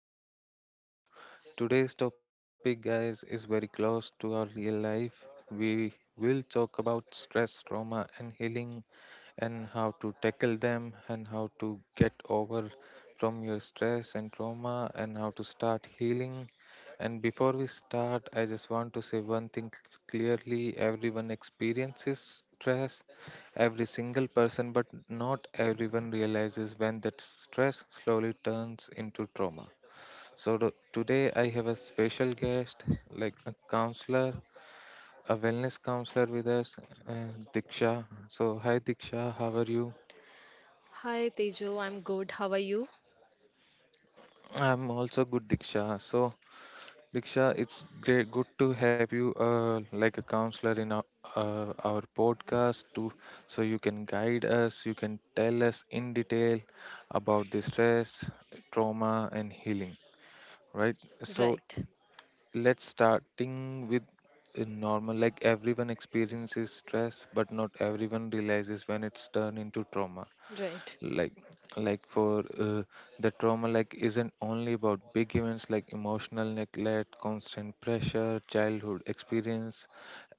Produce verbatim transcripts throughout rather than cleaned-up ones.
podcast. So, Today's topic, guys, is very close to our real life. We will talk about stress, trauma, and healing and how to tackle them and how to get over from your stress and trauma and how to start healing. And before we start, I just want to say one thing clearly, everyone experiences stress, every single person, but not everyone realizes when that stress slowly turns into trauma. So, th- today I have a special guest, like a counselor, a wellness counselor with us, uh, Diksha. So, hi Diksha, how are you? Hi Tejo, I'm good. How are you? I'm also good, Diksha. So, Diksha, it's great, good to have you, uh, like a counselor in our uh, our podcast too. So you can guide us, you can tell us in detail about the stress, trauma, and healing. Right. So Right, let's starting with a normal. Like everyone experiences stress, but not everyone realizes when it's turned into trauma. right. like like for uh, the trauma, like, isn't only about big events like emotional neglect, constant pressure, childhood experience,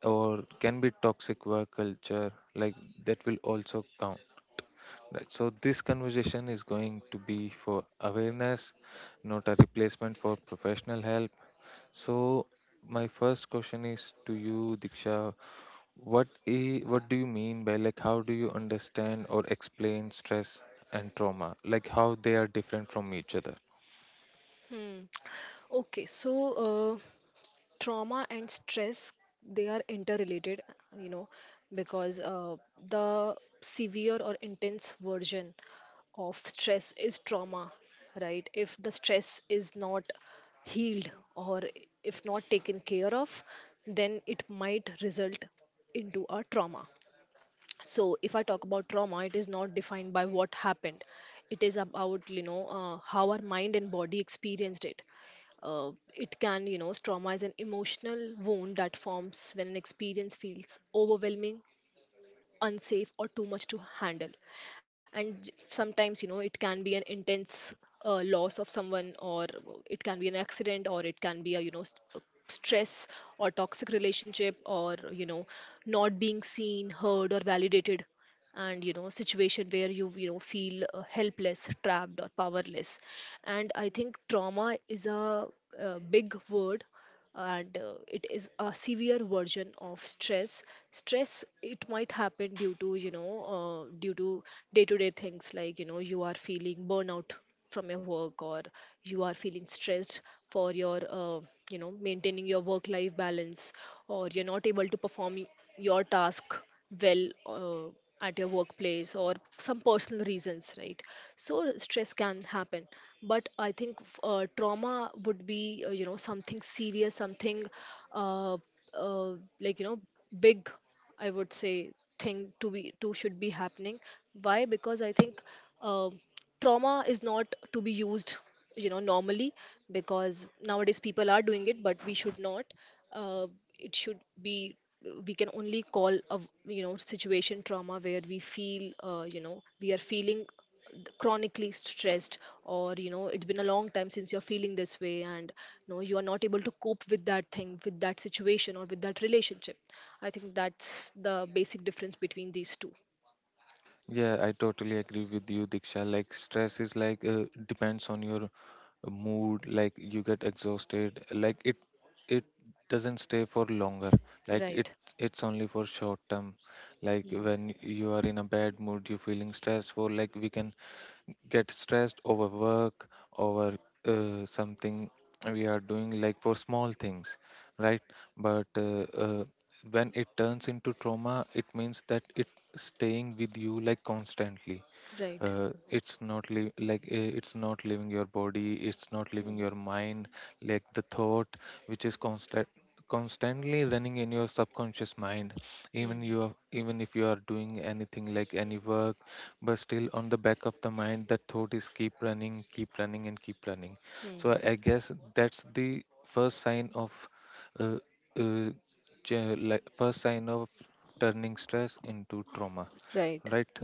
or can be toxic work culture, like that will also count, right? So this conversation is going to be for awareness, not a replacement for professional help. So my first question is to you, Diksha. What i- what do you mean by, like, how do you understand or explain stress and trauma? Like, how they are different from each other? Okay, so uh, trauma and stress they are interrelated, you know, because uh, the severe or intense version of stress is trauma, right? If the stress is not healed, or if not taken care of, then it might result into a trauma. So if I talk about trauma, it is not defined by what happened. It is about, you know uh, how our mind and body experienced it. Uh, it can you know Trauma is an emotional wound that forms when an experience feels overwhelming, unsafe, or too much to handle. And j- sometimes you know it can be an intense uh, loss of someone, or it can be an accident, or it can be a you know s- a stress or toxic relationship, or you know not being seen, heard, or validated, and you know situation where you you know feel uh, helpless, trapped, or powerless. And I think trauma is a, uh big word, and uh, it is a severe version of stress. Stress it might happen due to you know uh, due to day to day things, like you know you are feeling burnout from your work, or you are feeling stressed for your uh, you know maintaining your work life balance, or you're not able to perform your task well uh, at your workplace, or some personal reasons, right? So stress can happen. But I think, f- uh, trauma would be, uh, you know something serious, something uh, uh, like you know big, I would say, thing to be to should be happening. Why? Because I think uh, trauma is not to be used you know normally, because nowadays people are doing it, but we should not. Uh, it should be We can only call a v- you know situation trauma where we feel uh, you know we are feeling chronically stressed, or you know it's been a long time since you're feeling this way, and you know you are not able to cope with that thing, with that situation, or with that relationship. I think that's the basic difference between these two. Yeah, I totally agree with you, Diksha. Like, stress is like, uh, depends on your mood. Like you get exhausted. Like it it doesn't stay for longer. Like it Right. it's only for short term. Like Mm. when you are in a bad mood, you're feeling stressful. Like, we can get stressed over work, over uh, something we are doing, like for small things, right? But uh, uh, when it turns into trauma, it means that it's staying with you like constantly. Right. Uh, it's not li- like, uh, it's not leaving your body, it's not leaving Mm. your mind, like the thought which is constant constantly running in your subconscious mind. Even Mm. you are, even if you are doing anything like any work, but still on the back of the mind that thought is keep running, keep running, and keep running. So Mm. i I guess that's the first sign of uh, uh, ge- like, first sign of turning stress into trauma, Right. right?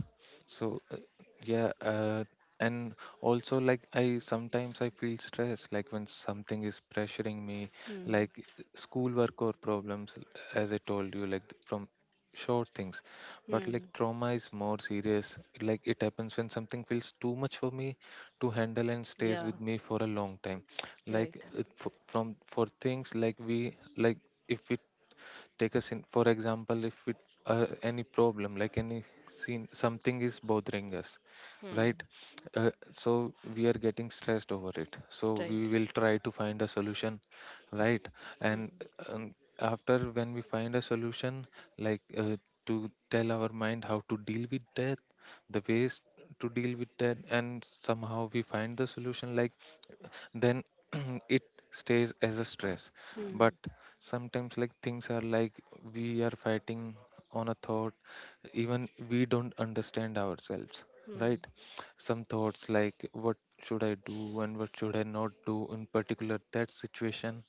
So uh, yeah, uh, and also, like, I sometimes I feel stressed, like when something is pressuring me, Mm. like schoolwork or problems, as I told you, like from short things. But like Hmm. trauma is more serious. Like it happens when something feels too much for me to handle and stays Yeah. with me for a long time. Right. Like it, f- from for things like we, like if we take a scene for example, if it uh, any problem like any scene, something is bothering us, Hmm. right? Uh, so we are getting stressed over it, so Right. we will try to find a solution, right? Hmm. And um, after when we find a solution, like uh, to tell our mind how to deal with death, the ways to deal with that, and somehow we find the solution, like, then it stays as a stress. But Hmm. sometimes, like, things are like we are fighting on a thought, even we don't understand ourselves, Hmm. right? Some thoughts like, what should I do and what should I not do in particular that situation?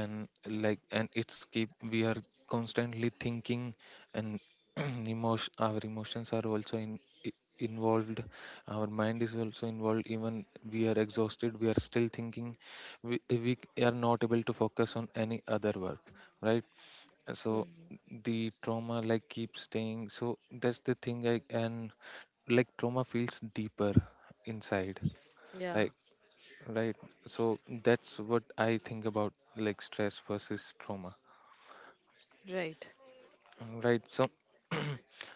And like, and it's keep, we are constantly thinking, and emotion our emotions are also in i- involved, our mind is also involved. Even we are exhausted, we are still thinking, we, we are not able to focus on any other work, right? So Hmm. the trauma like keeps staying, so that's the thing I and, like, trauma feels deeper inside, Yeah. like, right. So that's what I think about, like, stress versus trauma. Right. Mm, right. So,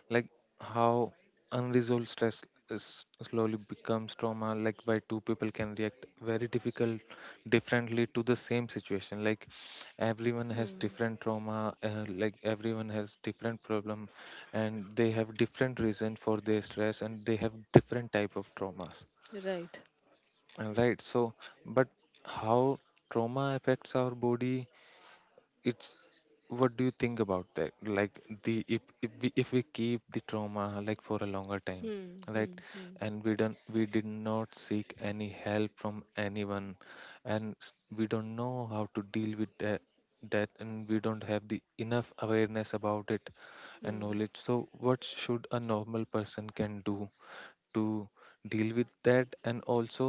like, how unresolved stress is slowly becomes trauma? Like, why two people can react very difficult differently to the same situation? Like, Hmm. everyone has different trauma, uh, like everyone has different problem, and they have different reason for their stress, and they have different type of traumas, Right. and, right? So, but how trauma affects our body? It's, what do you think about that? Like, the if if we, if we keep the trauma like for a longer time, Hmm. right, Hmm. Hmm. and we don't we did not seek any help from anyone, and s- we don't know how to deal with that that, and we don't have the enough awareness about it and Hmm. knowledge. So what should a normal person can do to deal with that? And also,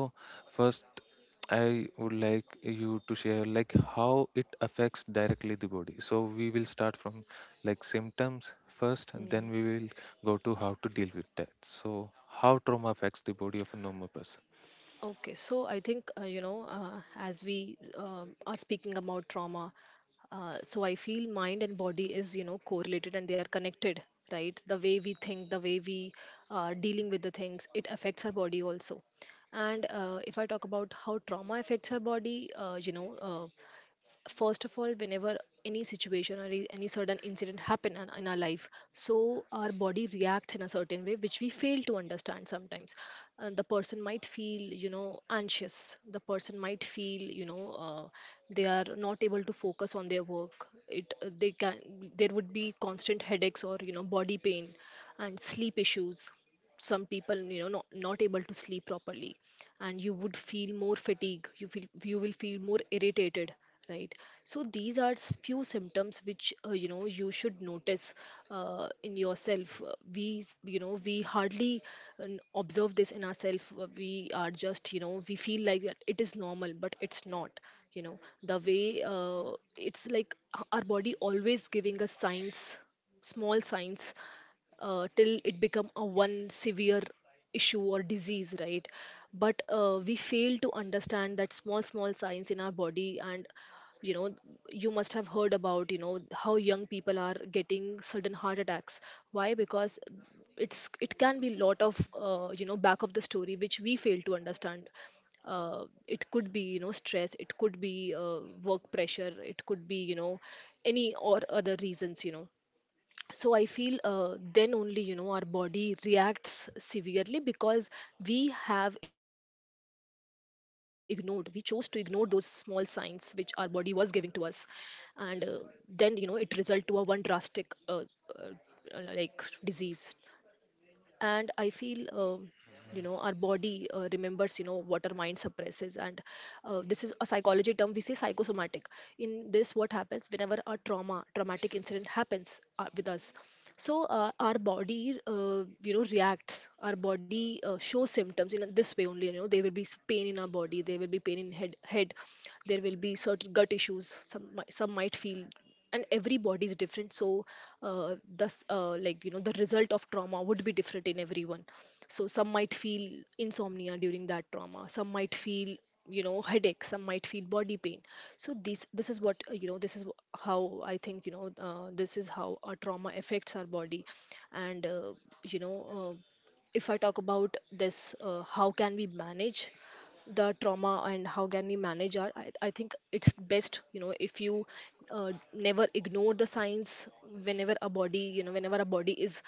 first, I would like you to share like how it affects directly the body, so we will start from like symptoms first, and Hmm. then we will go to how to deal with that. So how trauma affects the body of a normal person? Okay, so I think, uh, you know, uh, as we um are speaking about trauma, uh, so I feel mind and body is, you know, correlated, and they are connected, right? The way we think, the way we are dealing with the things, it affects our body also. And uh, if I talk about how trauma affects our body, uh, you know, uh, first of all, whenever any situation, or e- any sudden incident happen in in our life, so our body reacts in a certain way which we fail to understand sometimes. Uh, the person might feel you know anxious, the person might feel, you know uh, they are not able to focus on their work it uh, they can there would be constant headaches, or you know body pain, and sleep issues. Some people you know not, not able to sleep properly, and you would feel more fatigue, you feel you will feel more irritated, right? So these are s- few symptoms which, uh, you know you should notice uh, in yourself. Uh, we s- you know We hardly uh, n- observe this in ourselves. We are just, you know we feel like that it is normal, but it's not. you know the way, uh, it's like h- our body always giving us signs, small signs, uh, till it become a one severe issue or disease, right? But uh, we fail to understand that small small signs in our body. And you know you must have heard about you know how young people are getting sudden heart attacks. Why? Because it's it can be lot of uh, you know back of the story which we fail to understand. Uh, it could be you know stress, it could be uh, work pressure, it could be you know any or other reasons you know So I feel uh, then only you know our body reacts severely, because we have ignored we chose to ignore those small signs which our body was giving to us. And uh, then you know it result to a one drastic uh, uh, uh, like disease. And I feel, um, you know our body uh, remembers you know what our mind suppresses. And uh, this is a psychology term, we say psychosomatic. In this, what happens whenever a trauma traumatic incident happens uh, with us, so uh, our body, uh, you know reacts, our body uh, shows symptoms in this way only. You know there will be s- pain in our body, there will be pain in head head There will be certain gut issues, some mi- some might feel. And every body is different, so uh, thus, uh, like you know the result of trauma would be different in everyone. So some might feel insomnia during that trauma, some might feel you know headache, some might feel body pain. So this this is what, uh, you know this is wh- how I think, you know uh, this is how a trauma affects our body. And uh, you know uh, if I talk about this, uh, how can we manage the trauma, and how can we manage our? I, I think it's best, you know, if you uh, never ignore the signs whenever a body, you know, whenever a body is.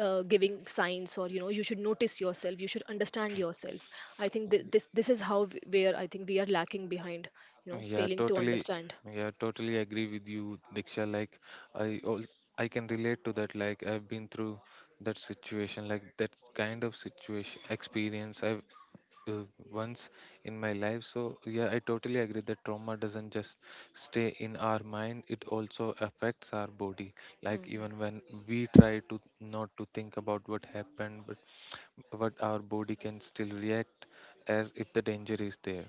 Uh, giving signs, or you know you should notice yourself, you should understand yourself. I think th- this this is how w- where I think we are lacking behind, you know yeah failing to totally understand. yeah Totally agree with you, Diksha. Like, i all I can relate to that. Like, I've been through that situation, like that kind of situation experience I've, uh, once in my life. So, yeah, I totally agree that trauma doesn't just stay in our mind, it also affects our body. Like, Hmm. even when we try to not to think about what happened, but what our body can still react as if the danger is there,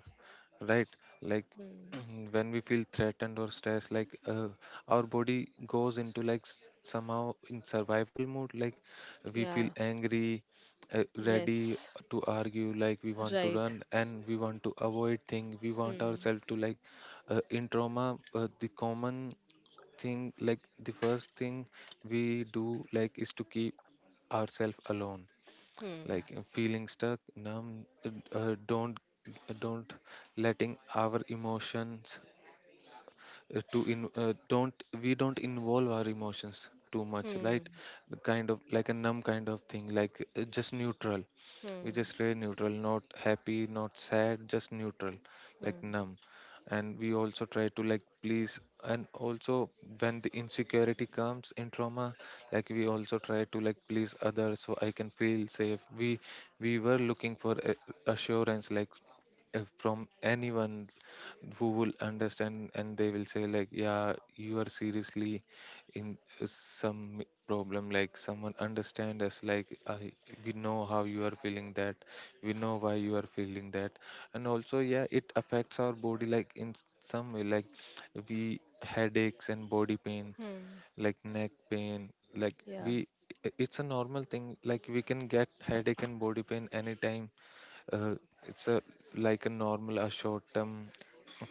right? Like, Hmm. when we feel threatened or stressed, like, uh, our body goes into like s- somehow in survival mode. Like, we feel Yeah. angry, uh, ready Yes. to argue, like we want to Right. run and we want to avoid thing, we want Hmm. ourselves to, like, uh, in trauma, uh, the common thing, like the first thing we do, like, is to keep ourselves alone. Hmm. Like, uh, feeling stuck, numb, uh, uh, don't don't letting our emotions uh, to in uh, don't we don't involve our emotions too much, Hmm. right? Kind of like a numb kind of thing, like, uh, just neutral. We Hmm. just stay neutral, not happy, not sad, just neutral, like Hmm. numb. And we also try to like please, and also when the insecurity comes in trauma, like, we also try to like please others so I can feel safe. We we were looking for a- assurance, like, if from anyone who will understand and they will say like, yeah, you are seriously in some problem, like someone understand us, like, I we know how you are feeling that, we know why you are feeling that. And also, yeah, it affects our body, like, in s- some way. Like, we headaches and body pain, Hmm. like neck pain. Like, Yeah. we i- it's a normal thing, like we can get headache and body pain anytime. uh, it's a like a normal, a short term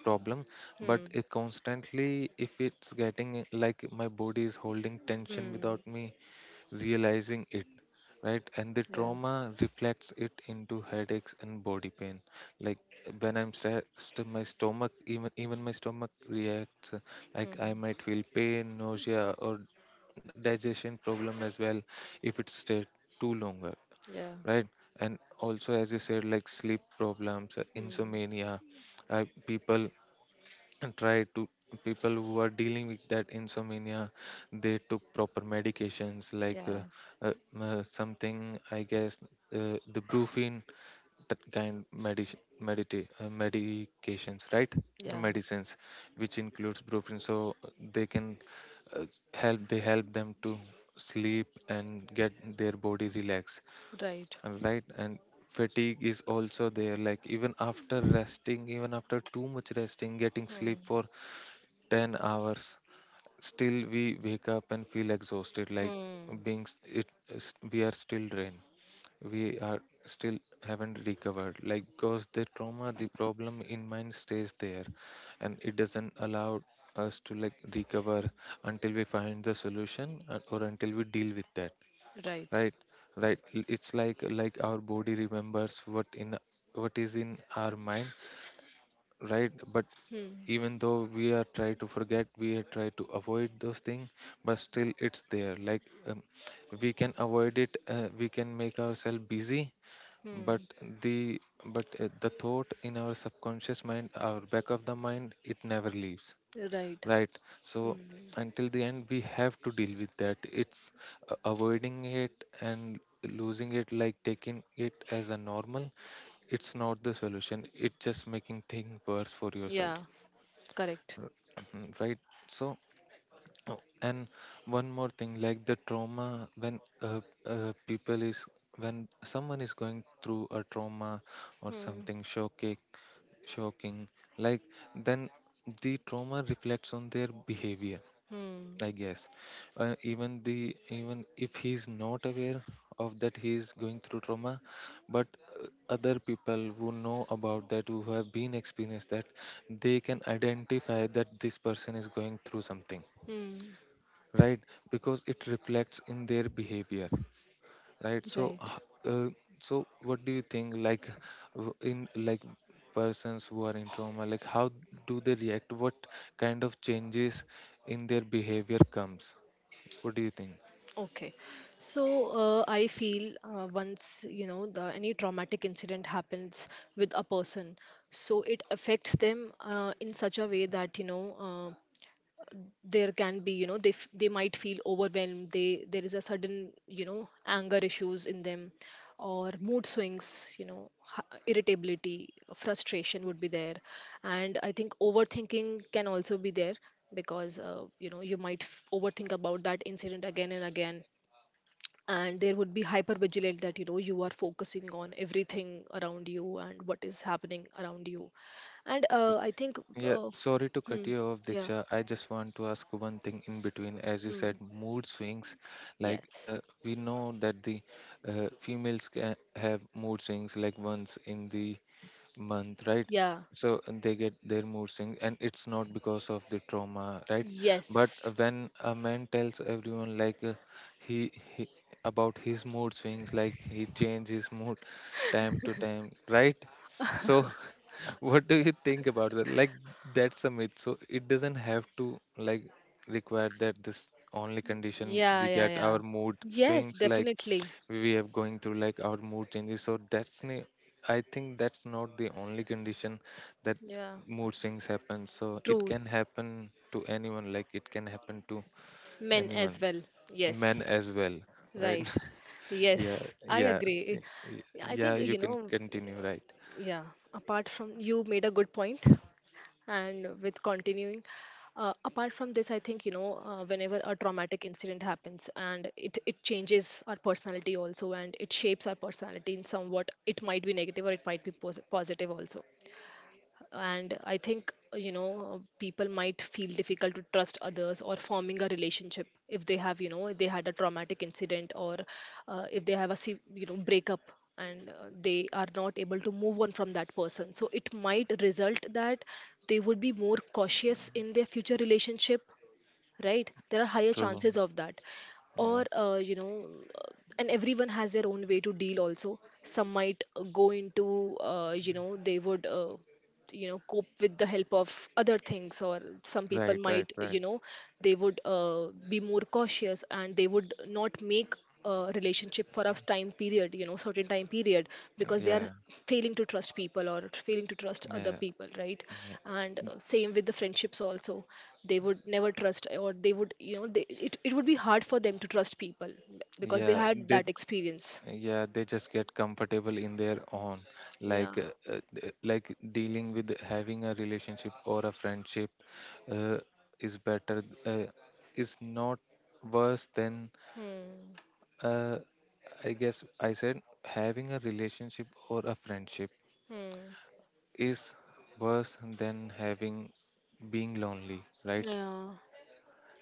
problem. But Hmm. it constantly, if it's getting, like, my body is holding tension Hmm. without me realizing it, right? And the Yeah. trauma reflects it into headaches and body pain. Like, when I'm stressed, my stomach, even even my stomach reacts, uh, like Hmm. I might feel pain, nausea, or digestion problem as well, if it stays too longer, Yeah. right? And also, as you said, like sleep problems, uh, Hmm. insomnia, uh, people try to, people who are dealing with that insomnia, they took proper medications, like uh, Yeah. uh, uh, something, I guess, uh, the brufen, that kind medic medita- uh, medications, right? Yeah. Medicines which includes brufen, so they can uh, help they help them to sleep and get their body relaxed, Right. right? And fatigue is also there, like, even after resting, even after too much resting, getting sleep for Hmm. ten hours, still we wake up and feel exhausted. Like, Hmm. being s- it is- we are still drained, we are still haven't recovered, like, because the trauma, the problem in mind stays there, and it doesn't allow us to like recover until we find the solution, uh, or until we deal with that, Right. right? Right. L- it's like like our body remembers what in what is in our mind, right? But Hmm. even though we are try to forget, we are try to avoid those things, but still it's there. Like, um, we can avoid it, uh, we can make ourselves busy, but Hmm. the but uh, the thought in our subconscious mind, our back of the mind, it never leaves. Right. Right. So, Hmm. until the end, we have to deal with that. It's uh, avoiding it and losing it, like taking it as a normal, it's not the solution. It's just making things worse for yourself. Yeah. Correct. R- Right. So, oh, and one more thing, like, the trauma when uh, uh, people is when someone is going through a trauma or Hmm. something shocking, shocking, like, then the trauma reflects on their behavior, Hmm. I guess. Uh, even the even if he's not aware of that he's going through trauma, but uh, other people who know about that, who have been experienced that, they can identify that this person is going through something, Hmm. right? Because it reflects in their behavior, right? So, Right. h- uh, so what do you think? Like, w- in like persons who are in trauma, like how do they react? What kind of changes in their behavior comes? What do you think? Okay. So uh, I feel uh, once you know the any traumatic incident happens with a person, so it affects them uh, in such a way that you know uh, there can be, you know they f- they might feel overwhelmed, they there is a sudden you know anger issues in them, or mood swings, you know h- irritability, frustration would be there. And I think overthinking can also be there, because uh, you know you might f- overthink about that incident again and again. And there would be hypervigilant, that you know you are focusing on everything around you and what is happening around you. And uh, I think Yeah, uh, sorry to cut hmm, you off, yeah. Diksha. I just want to ask one thing in between. As you Hmm, said, mood swings. Like yes. uh, we know that the uh, females can have mood swings like once in the month, right? Yeah. So and they get their mood swings, and it's not because of the trauma, right? But Yes. uh, when a man tells everyone like uh, he, he about his mood swings, like he changes his mood time to time, right? So what do you think about that? Like that's a myth. So it doesn't have to like require that this only condition Yeah, we yeah, get yeah. our mood Yes, swings like definitely. we have going through like our mood changes. So that's ne- I think that's not the only condition that Yeah. mood swings happen. So it True. can happen to anyone. Like it can happen to Men as anyone, well. men Yes. as well, right? Right. yeah, Yes. I yeah, agree. y- I yeah. think, You you can know, continue, right? yeah, apart from you made a good point, and with continuing, uh, apart from this, I think, you know, uh, whenever a traumatic incident happens, and it, it changes our personality also, and it shapes our personality in somewhat. It might be negative, or it might be pos- positive also. And I think you know people might feel difficult to trust others or forming a relationship, if they have you know if they had a traumatic incident, or uh, if they have a se- you know breakup, and uh, they are not able to move on from that person, so it might result that they would be more cautious in their future relationship, right? There are higher True. chances of that, Yeah. or uh, you know uh, and everyone has their own way to deal also. Some might uh, go into, uh, you know they would uh, you know cope with the help of other things, or some people Right, right, might, right. you know they would uh, be more cautious, and they would not make a relationship for a time period, you know certain time period, because they are Yeah, failing to trust people or failing to trust other yeah, people, right? yeah, And uh, same with the friendships also. They would never trust, or they would you know they, it, it would be hard for them to trust people, because they yeah. had They, that experience. yeah, they just get comfortable in their own, Yeah. like, uh, uh, th- like dealing with having a relationship or a friendship, uh, is better. Uh, is not worse than, Hmm. uh, I guess I said having a relationship or a friendship Hmm. is worse than having being lonely, right? Yeah.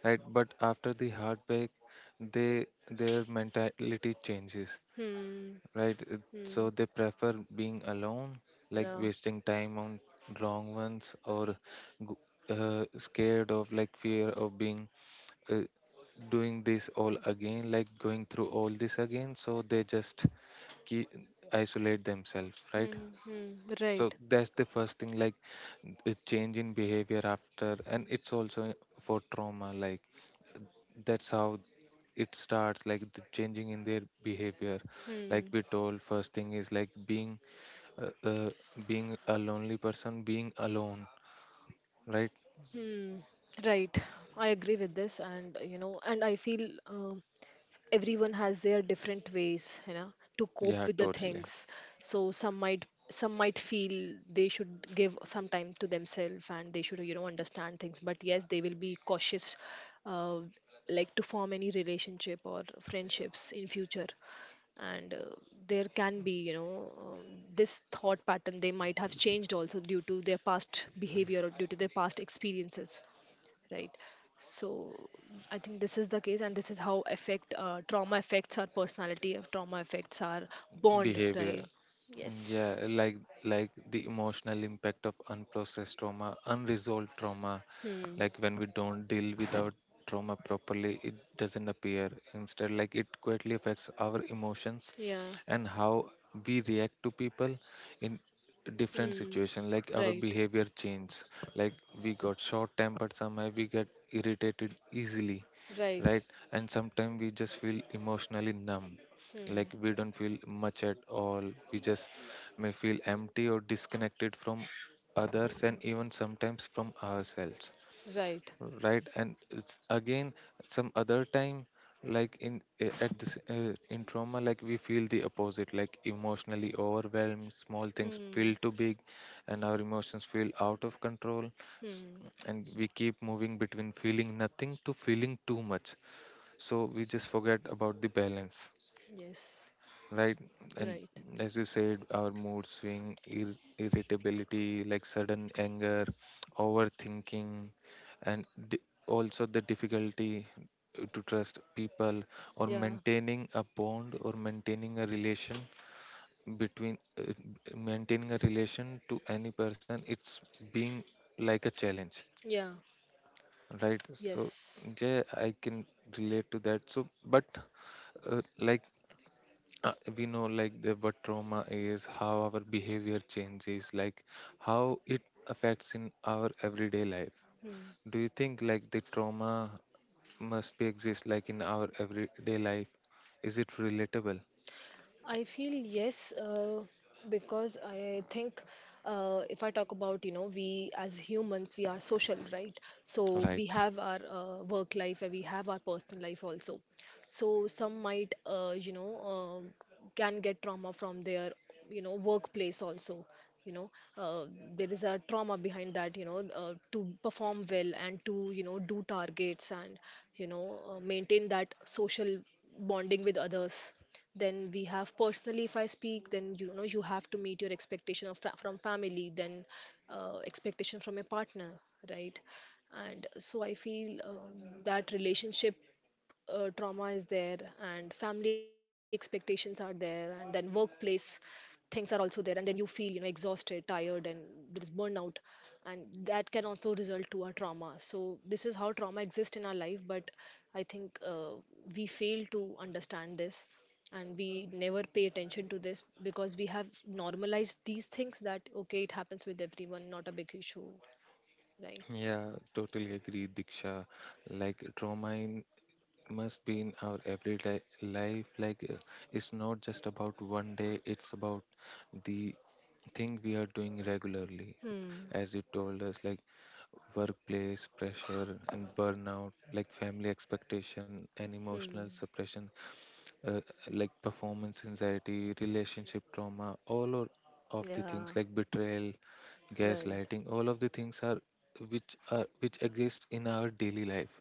Right. But after the heartbreak, they their mentality changes, Hmm. right? It- So Hmm. they prefer being alone, like Yeah. wasting time on wrong ones or g- uh, scared of like fear of being uh, doing this all again, like going through all this again. So they just keep isolate themselves, right? Hmm. Hmm. So Right. that's the first thing, like a change in behavior after, and it's also for trauma, like that's how it starts like the changing in their behavior, like Hmm. we told first thing is like being uh, uh, being a lonely person, being alone, right? Hmm. Right. I agree with this, and you know, and I feel um, everyone has their different ways, you know, to Yeah, cope with the totally. things. So some might some might feel they should give some time to themselves and they should, you know, understand things, but yes, they will be cautious, uh, like to form any relationship or friendships in future. And uh, there can be, you know, um, this thought pattern they might have changed also due to their past behavior or due to their past experiences, right? So I think this is the case and this is how affect uh, trauma affects our personality. Uh, trauma affects our bond, Behavior. right? Mm, yeah, Yes. like like the emotional impact of unprocessed trauma, unresolved trauma, Hmm. like when we don't deal with our trauma properly, it doesn't appear. Instead, like it quietly affects our emotions Yeah. and how we react to people in different Hmm. situation, like our Right. behavior changes. Like we got short tempered, somehow we get irritated easily, Right. right? And sometimes we just feel emotionally numb, like Hmm. we don't feel much at all. We just may feel empty or disconnected from others Hmm. and even sometimes from ourselves. Right. Right? And it's again some other time like in eh, at this uh, in trauma like we feel the opposite, like emotionally overwhelmed, small things feel Hmm. too big and our emotions feel out of control. s- Hmm. and we keep moving between feeling nothing to feeling too much, so we just forget about the balance, Yes. right? And Right. as you said, our mood swing, ir- irritability, like sudden anger, overthinking, and di- also the difficulty to trust people or Yeah. maintaining a bond or maintaining a relation, between uh, maintaining a relation to any person, it's being like a challenge, Yeah. right? So Yes. yeah, I can relate to that. So but uh, like uh, we know like the what trauma is, how our behavior changes, like how it affects in our everyday life. Hmm. Do you think like the trauma must be exist like in our everyday life, is it relatable? I feel yes, uh, because I think, uh, if I talk about, you know, we as humans, we are social, right? So we Right, have our uh, work life and we have our personal life also. So some might, uh, you know, uh, can get trauma from their, you know, workplace also. You know, uh, there is a trauma behind that, you know, uh, to perform well and to, you know, do targets and, you know, uh, maintain that social bonding with others. Then we have personally, if I speak, then you know you have to meet your expectation of fa- from family, then uh, expectation from your partner, right? And so I feel um, that relationship uh, trauma is there, and family expectations are there, and then workplace things are also there, and then you feel, you know, exhausted, tired, and there is burnout, and that can also result to a trauma. So this is how trauma exists in our life. But I think uh, we fail to understand this, and we never pay attention to this because we have normalized these things that okay, it happens with everyone, not a big issue, right? yeah, totally agree, Diksha. Like trauma in must be in our everyday life like uh, it's not just about one day, it's about the thing we are doing regularly. Hmm. As you told us, like workplace pressure and burnout, like family expectation and emotional Hmm. suppression, uh, like performance anxiety, relationship trauma, all o- of the things Yeah. like betrayal, Right. gaslighting, all of the things are which are which exist in our daily life.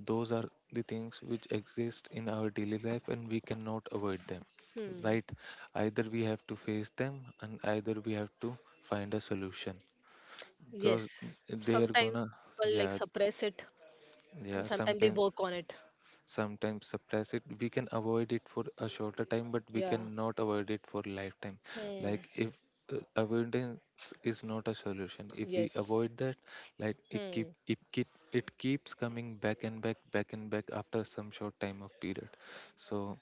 Those are the things which exist in our daily life and we cannot avoid them. Hmm. Right? Either we have to face them and either we have to find a solution because Yes. they are Sometimes gonna, people like yeah, suppress it, and yeah, sometimes they sometimes work on it. sometimes suppress it. We can avoid it for a shorter time, but we Yeah. cannot avoid it for lifetime. Like Hmm. if uh, avoidance is not a solution, if we Yes. avoid that, like it keep Hmm. it keep it keeps coming back and back, back and back after some short time of period. So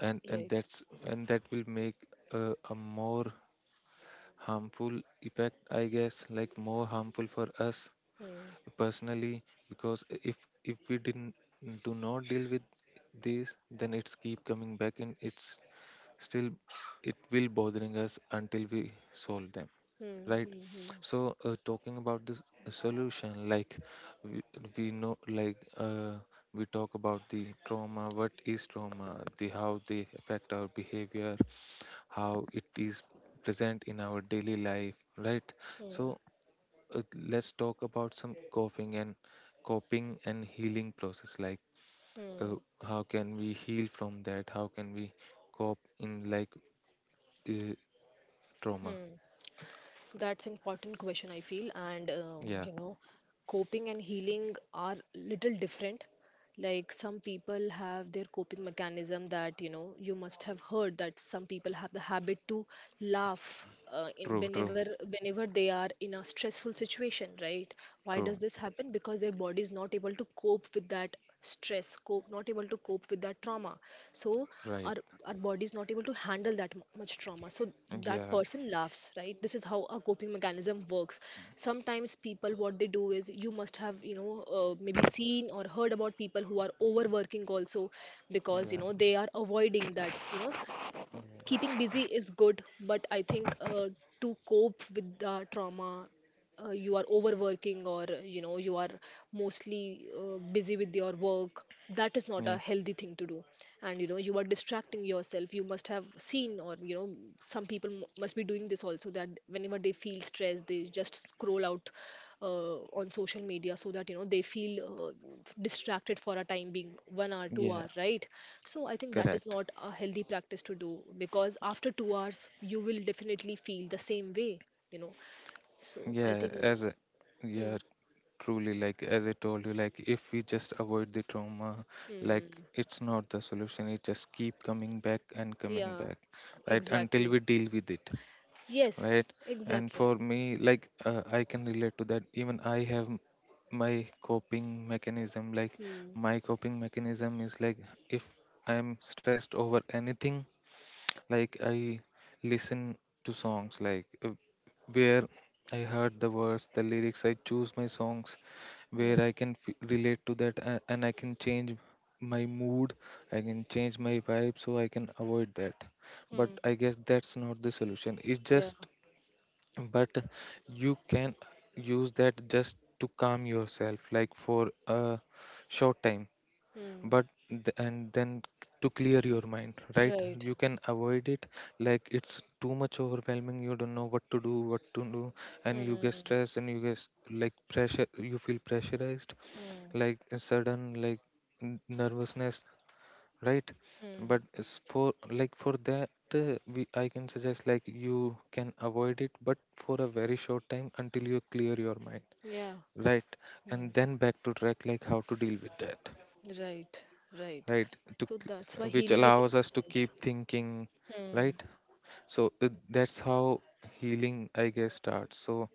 and and Right. that's and that will make uh, a more harmful effect, I guess, like more harmful for us Hmm. personally, because if if we didn't do not deal with this, then it's keep coming back and it's still it will bothering us until we solve them, Hmm. right? Hmm. Hmm. So uh, talking about this uh, solution, like we, we know like uh, we talk about the trauma, what is trauma, the how they affect our behavior, how it is present in our daily life, right? Hmm. So uh, let's talk about some coping and coping and healing process, like uh, how can we heal from that, how can we cope in like uh, Hmm. trauma. Hmm. That's important question, I feel. And, uh, Yeah, you know, coping and healing are little different. Like, some people have their coping mechanism that, you know, you must have heard that some people have the habit to laugh. Uh, in true, true, whenever whenever they are in a stressful situation, right? Why does true. this happen? Because their body is not able to cope with that stress. Cope, not able to cope with that trauma. So Right. our our body is not able to handle that mu- much trauma, so that Yeah, person laughs, right? This is how a coping mechanism works. Sometimes people, what they do is, you must have, you know, uh, maybe seen or heard about people who are overworking also, because you yeah, know they are avoiding that, you know. Keeping busy is good, but I think uh, to cope with the trauma, uh, you are overworking, or you know you are mostly uh, busy with your work, that is not a yeah, healthy thing to do. And you know you are distracting yourself. You must have seen, or you know, some people m- must be doing this also, that whenever they feel stressed they just scroll out uh, on social media, so that, you know, they feel uh, distracted for a time being, one hour, two yeah. hour right? So I think that is Correct. not a healthy practice to do, because after two hours you will definitely feel the same way, you know. So I Yeah. think, As a hmm, yeah, truly like as I told you, like if we just avoid the trauma, hmm, like it's not the solution, it just keep coming back and coming yeah, back, right, until exactly. we deal with it, Yes, right? And exactly. for me, like uh, I can relate to that. Even I have m- my coping mechanism like Hmm, my coping mechanism is like if I am stressed over anything, like I listen to songs like uh, where I heard the words, the lyrics, I choose my songs hmm, where I can f- relate to that a- and I can change my mood, I can change my vibe, so I can avoid that. But hmm, I guess that's not the solution. It's yeah, just but you can use that just to calm yourself like for a short time, hmm, but th- and then to clear your mind, right? right. You can avoid it like it's too much overwhelming, you don't know what to do what to do, and you get Hmm, stressed and you get s- like pressure, you feel pressurized hmm, like a sudden like n- nervousness, right? hmm, But it's for like for that uh, we I can suggest like you can avoid it but for a very short time until you clear your mind, yeah, right? hmm, And then back to track like how to deal with that, right, right. right? to So k- that's uh, why which healing is allows us to important. keep thinking, Hmm. right? So uh, that's how healing I guess starts. So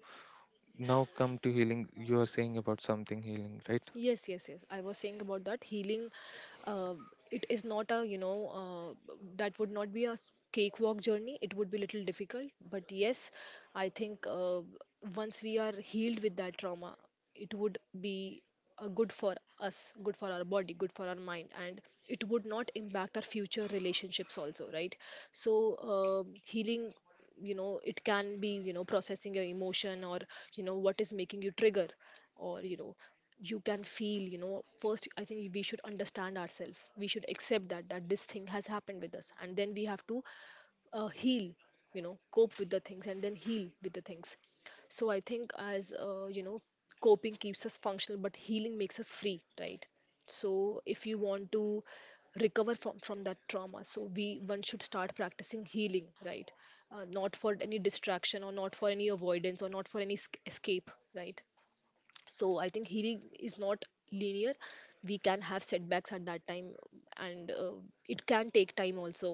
now come to healing, you are saying about something healing, right? Yes, yes, yes. I was saying about that healing. Uh, it is not a, you know, uh, that would not be a s- cakewalk journey. It would be little difficult. But yes, I think uh, once we are healed with that trauma, it would be uh, good for us, good for our body, good for our mind, and it would not impact our future relationships also, right? So uh, healing, you know, it can be, you know, processing your emotion, or you know what is making you trigger, or you know, you can feel, you know, first I think we should understand ourselves, we should accept that, that this thing has happened with us, and then we have to uh, heal, you know, cope with the things and then heal with the things. So I think, as uh, you know, coping keeps us functional but healing makes us free, right? So if you want to recover from from that trauma, so we, one should start practicing healing, right? Uh, not for any distraction, or not for any avoidance, or not for any sc- escape, right? So I think healing is not linear. We can have setbacks at that time, and uh, it can take time also.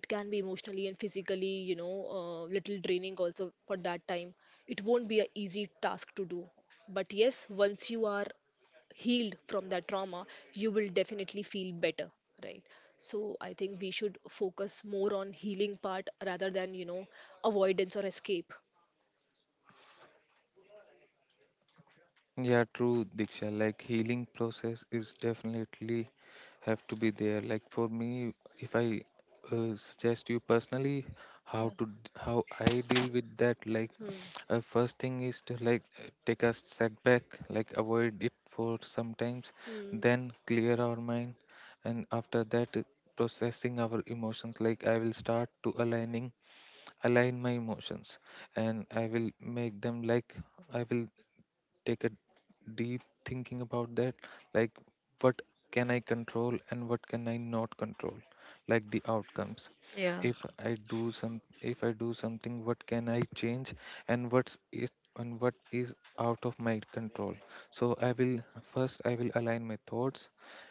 It can be emotionally and physically, you know, uh, little draining also for that time. It won't be an easy task to do, but yes, once you are healed from that trauma, you will definitely feel better, right? So I think we should focus more on healing part rather than, you know, avoidance or escape. Yeah, true, Diksha. Like healing process is definitely have to be there. Like for me, if I uh, suggest you personally how to d- how I deal with that, like uh, first thing is to like uh, take a setback, like avoid it for sometimes, Hmm. then clear our mind, and after that uh, processing our emotions. Like I will start to aligning align my emotions, and I will make them like I will take a deep thinking about that, like what can I control and what can I not control, like the outcomes. Yeah. If I do some, if I do something, what can I change, and what's it, and what is out of my control? So I will first I will align my thoughts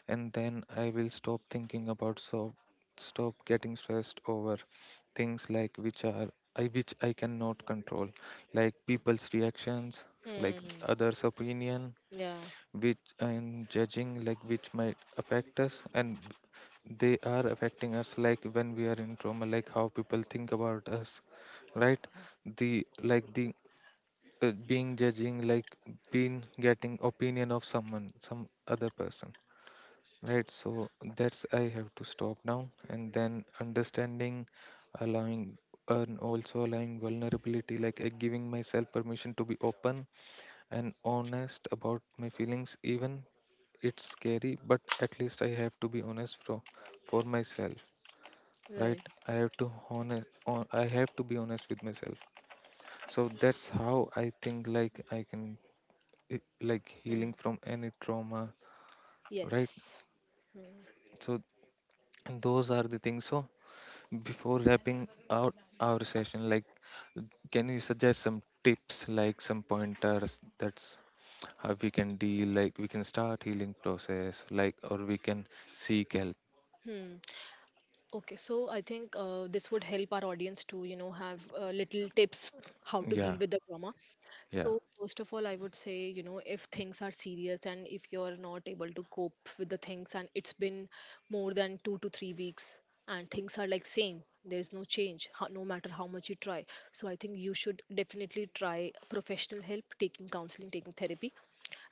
and then I will stop thinking about so stop getting stressed over things like which are I which I cannot control, like people's reactions, like Hmm. others' opinion, Yeah. which and judging like which might affect us and they are affecting us like when we are in trauma like how people think about us, right? The like the uh, being judging like being getting opinion of someone some other person, right? So that's I have to stop now and then understanding allowing and also allowing vulnerability, like uh, giving myself permission to be open and honest about my feelings, even it's scary, but at least I have to be honest for for myself, right? Right. I have to honest on, I have to be honest with myself. So that's how I think like I can eh, like Hmm. healing from any trauma, right? Yes. So those are the things. So before wrapping out our session, like can you suggest some tips like some pointers that's how we can deal like we can start healing process like or we can seek help? Hmm. Okay, so I think uh, this would help our audience to, you know, have uh, little tips how to Yeah, heal with the trauma. yeah, So first of all, I would say, you know, if things are serious and if you're not able to cope with the things and it's been more than two to three weeks, and things are like same, there is no change, ho- no matter how much you try. So I think you should definitely try professional help, taking counseling, taking therapy.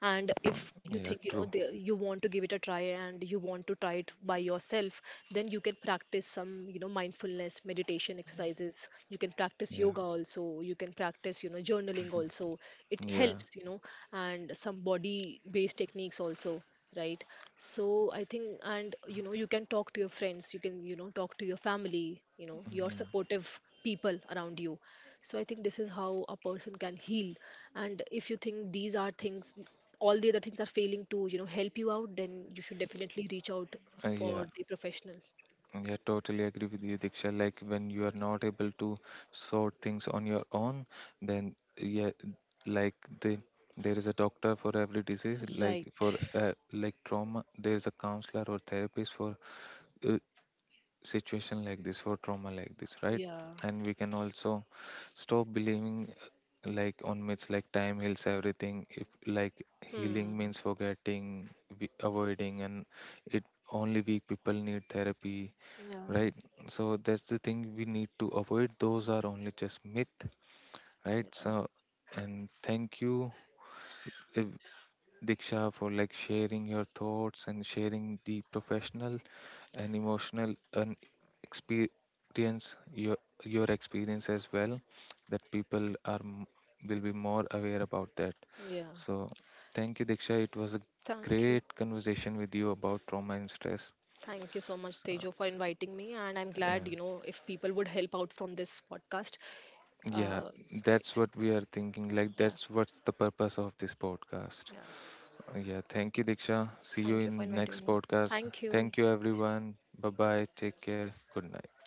And if you yeah, think, you true. know, the, you want to give it a try and you want to try it by yourself, then you can practice some, you know, mindfulness meditation exercises, you can practice Yeah, yoga also, you can practice, you know, journaling also. It yeah, helps, you know. And some body based techniques also, right? So I think, and you know, you can talk to your friends, you can, you know, talk to your family, you know, your supportive people around you. So I think this is how a person can heal. And if you think these are things, all the other things are failing to, you know, help you out, then you should definitely reach out uh, yeah, for the professional. yeah, totally agree with you, Diksha. Like when you are not able to sort things on your own, then yeah, like the there is a doctor for every disease, like for Right. uh, like trauma there is a counselor or therapist for uh, situation like this, for trauma like this, right? Yeah. And we can also stop believing like on myths like time heals everything, if like healing Hmm. means forgetting, we- avoiding, and it only weak people need therapy, Yeah. right? So that's the thing we need to avoid, those are only just myth, right? So and thank you, eh, Diksha, for like sharing your thoughts and sharing the professional an emotional an experience, your your experience as well, that people are m- will be more aware about that. Yeah. So thank you, Diksha, it was a Thank you. great conversation with you about trauma and stress. Thank you so much, So, Tejo, for inviting me, and I'm yeah, glad, you know, if people would help out from this podcast. yeah, Uh, it's that's great. what we are thinking, like Yeah, that's what's the purpose of this podcast. yeah. Uh, yeah, thank you, Diksha, see you Thank you in for inviting next me. podcast. Thank you. Thank you everyone, bye bye, take care, good night.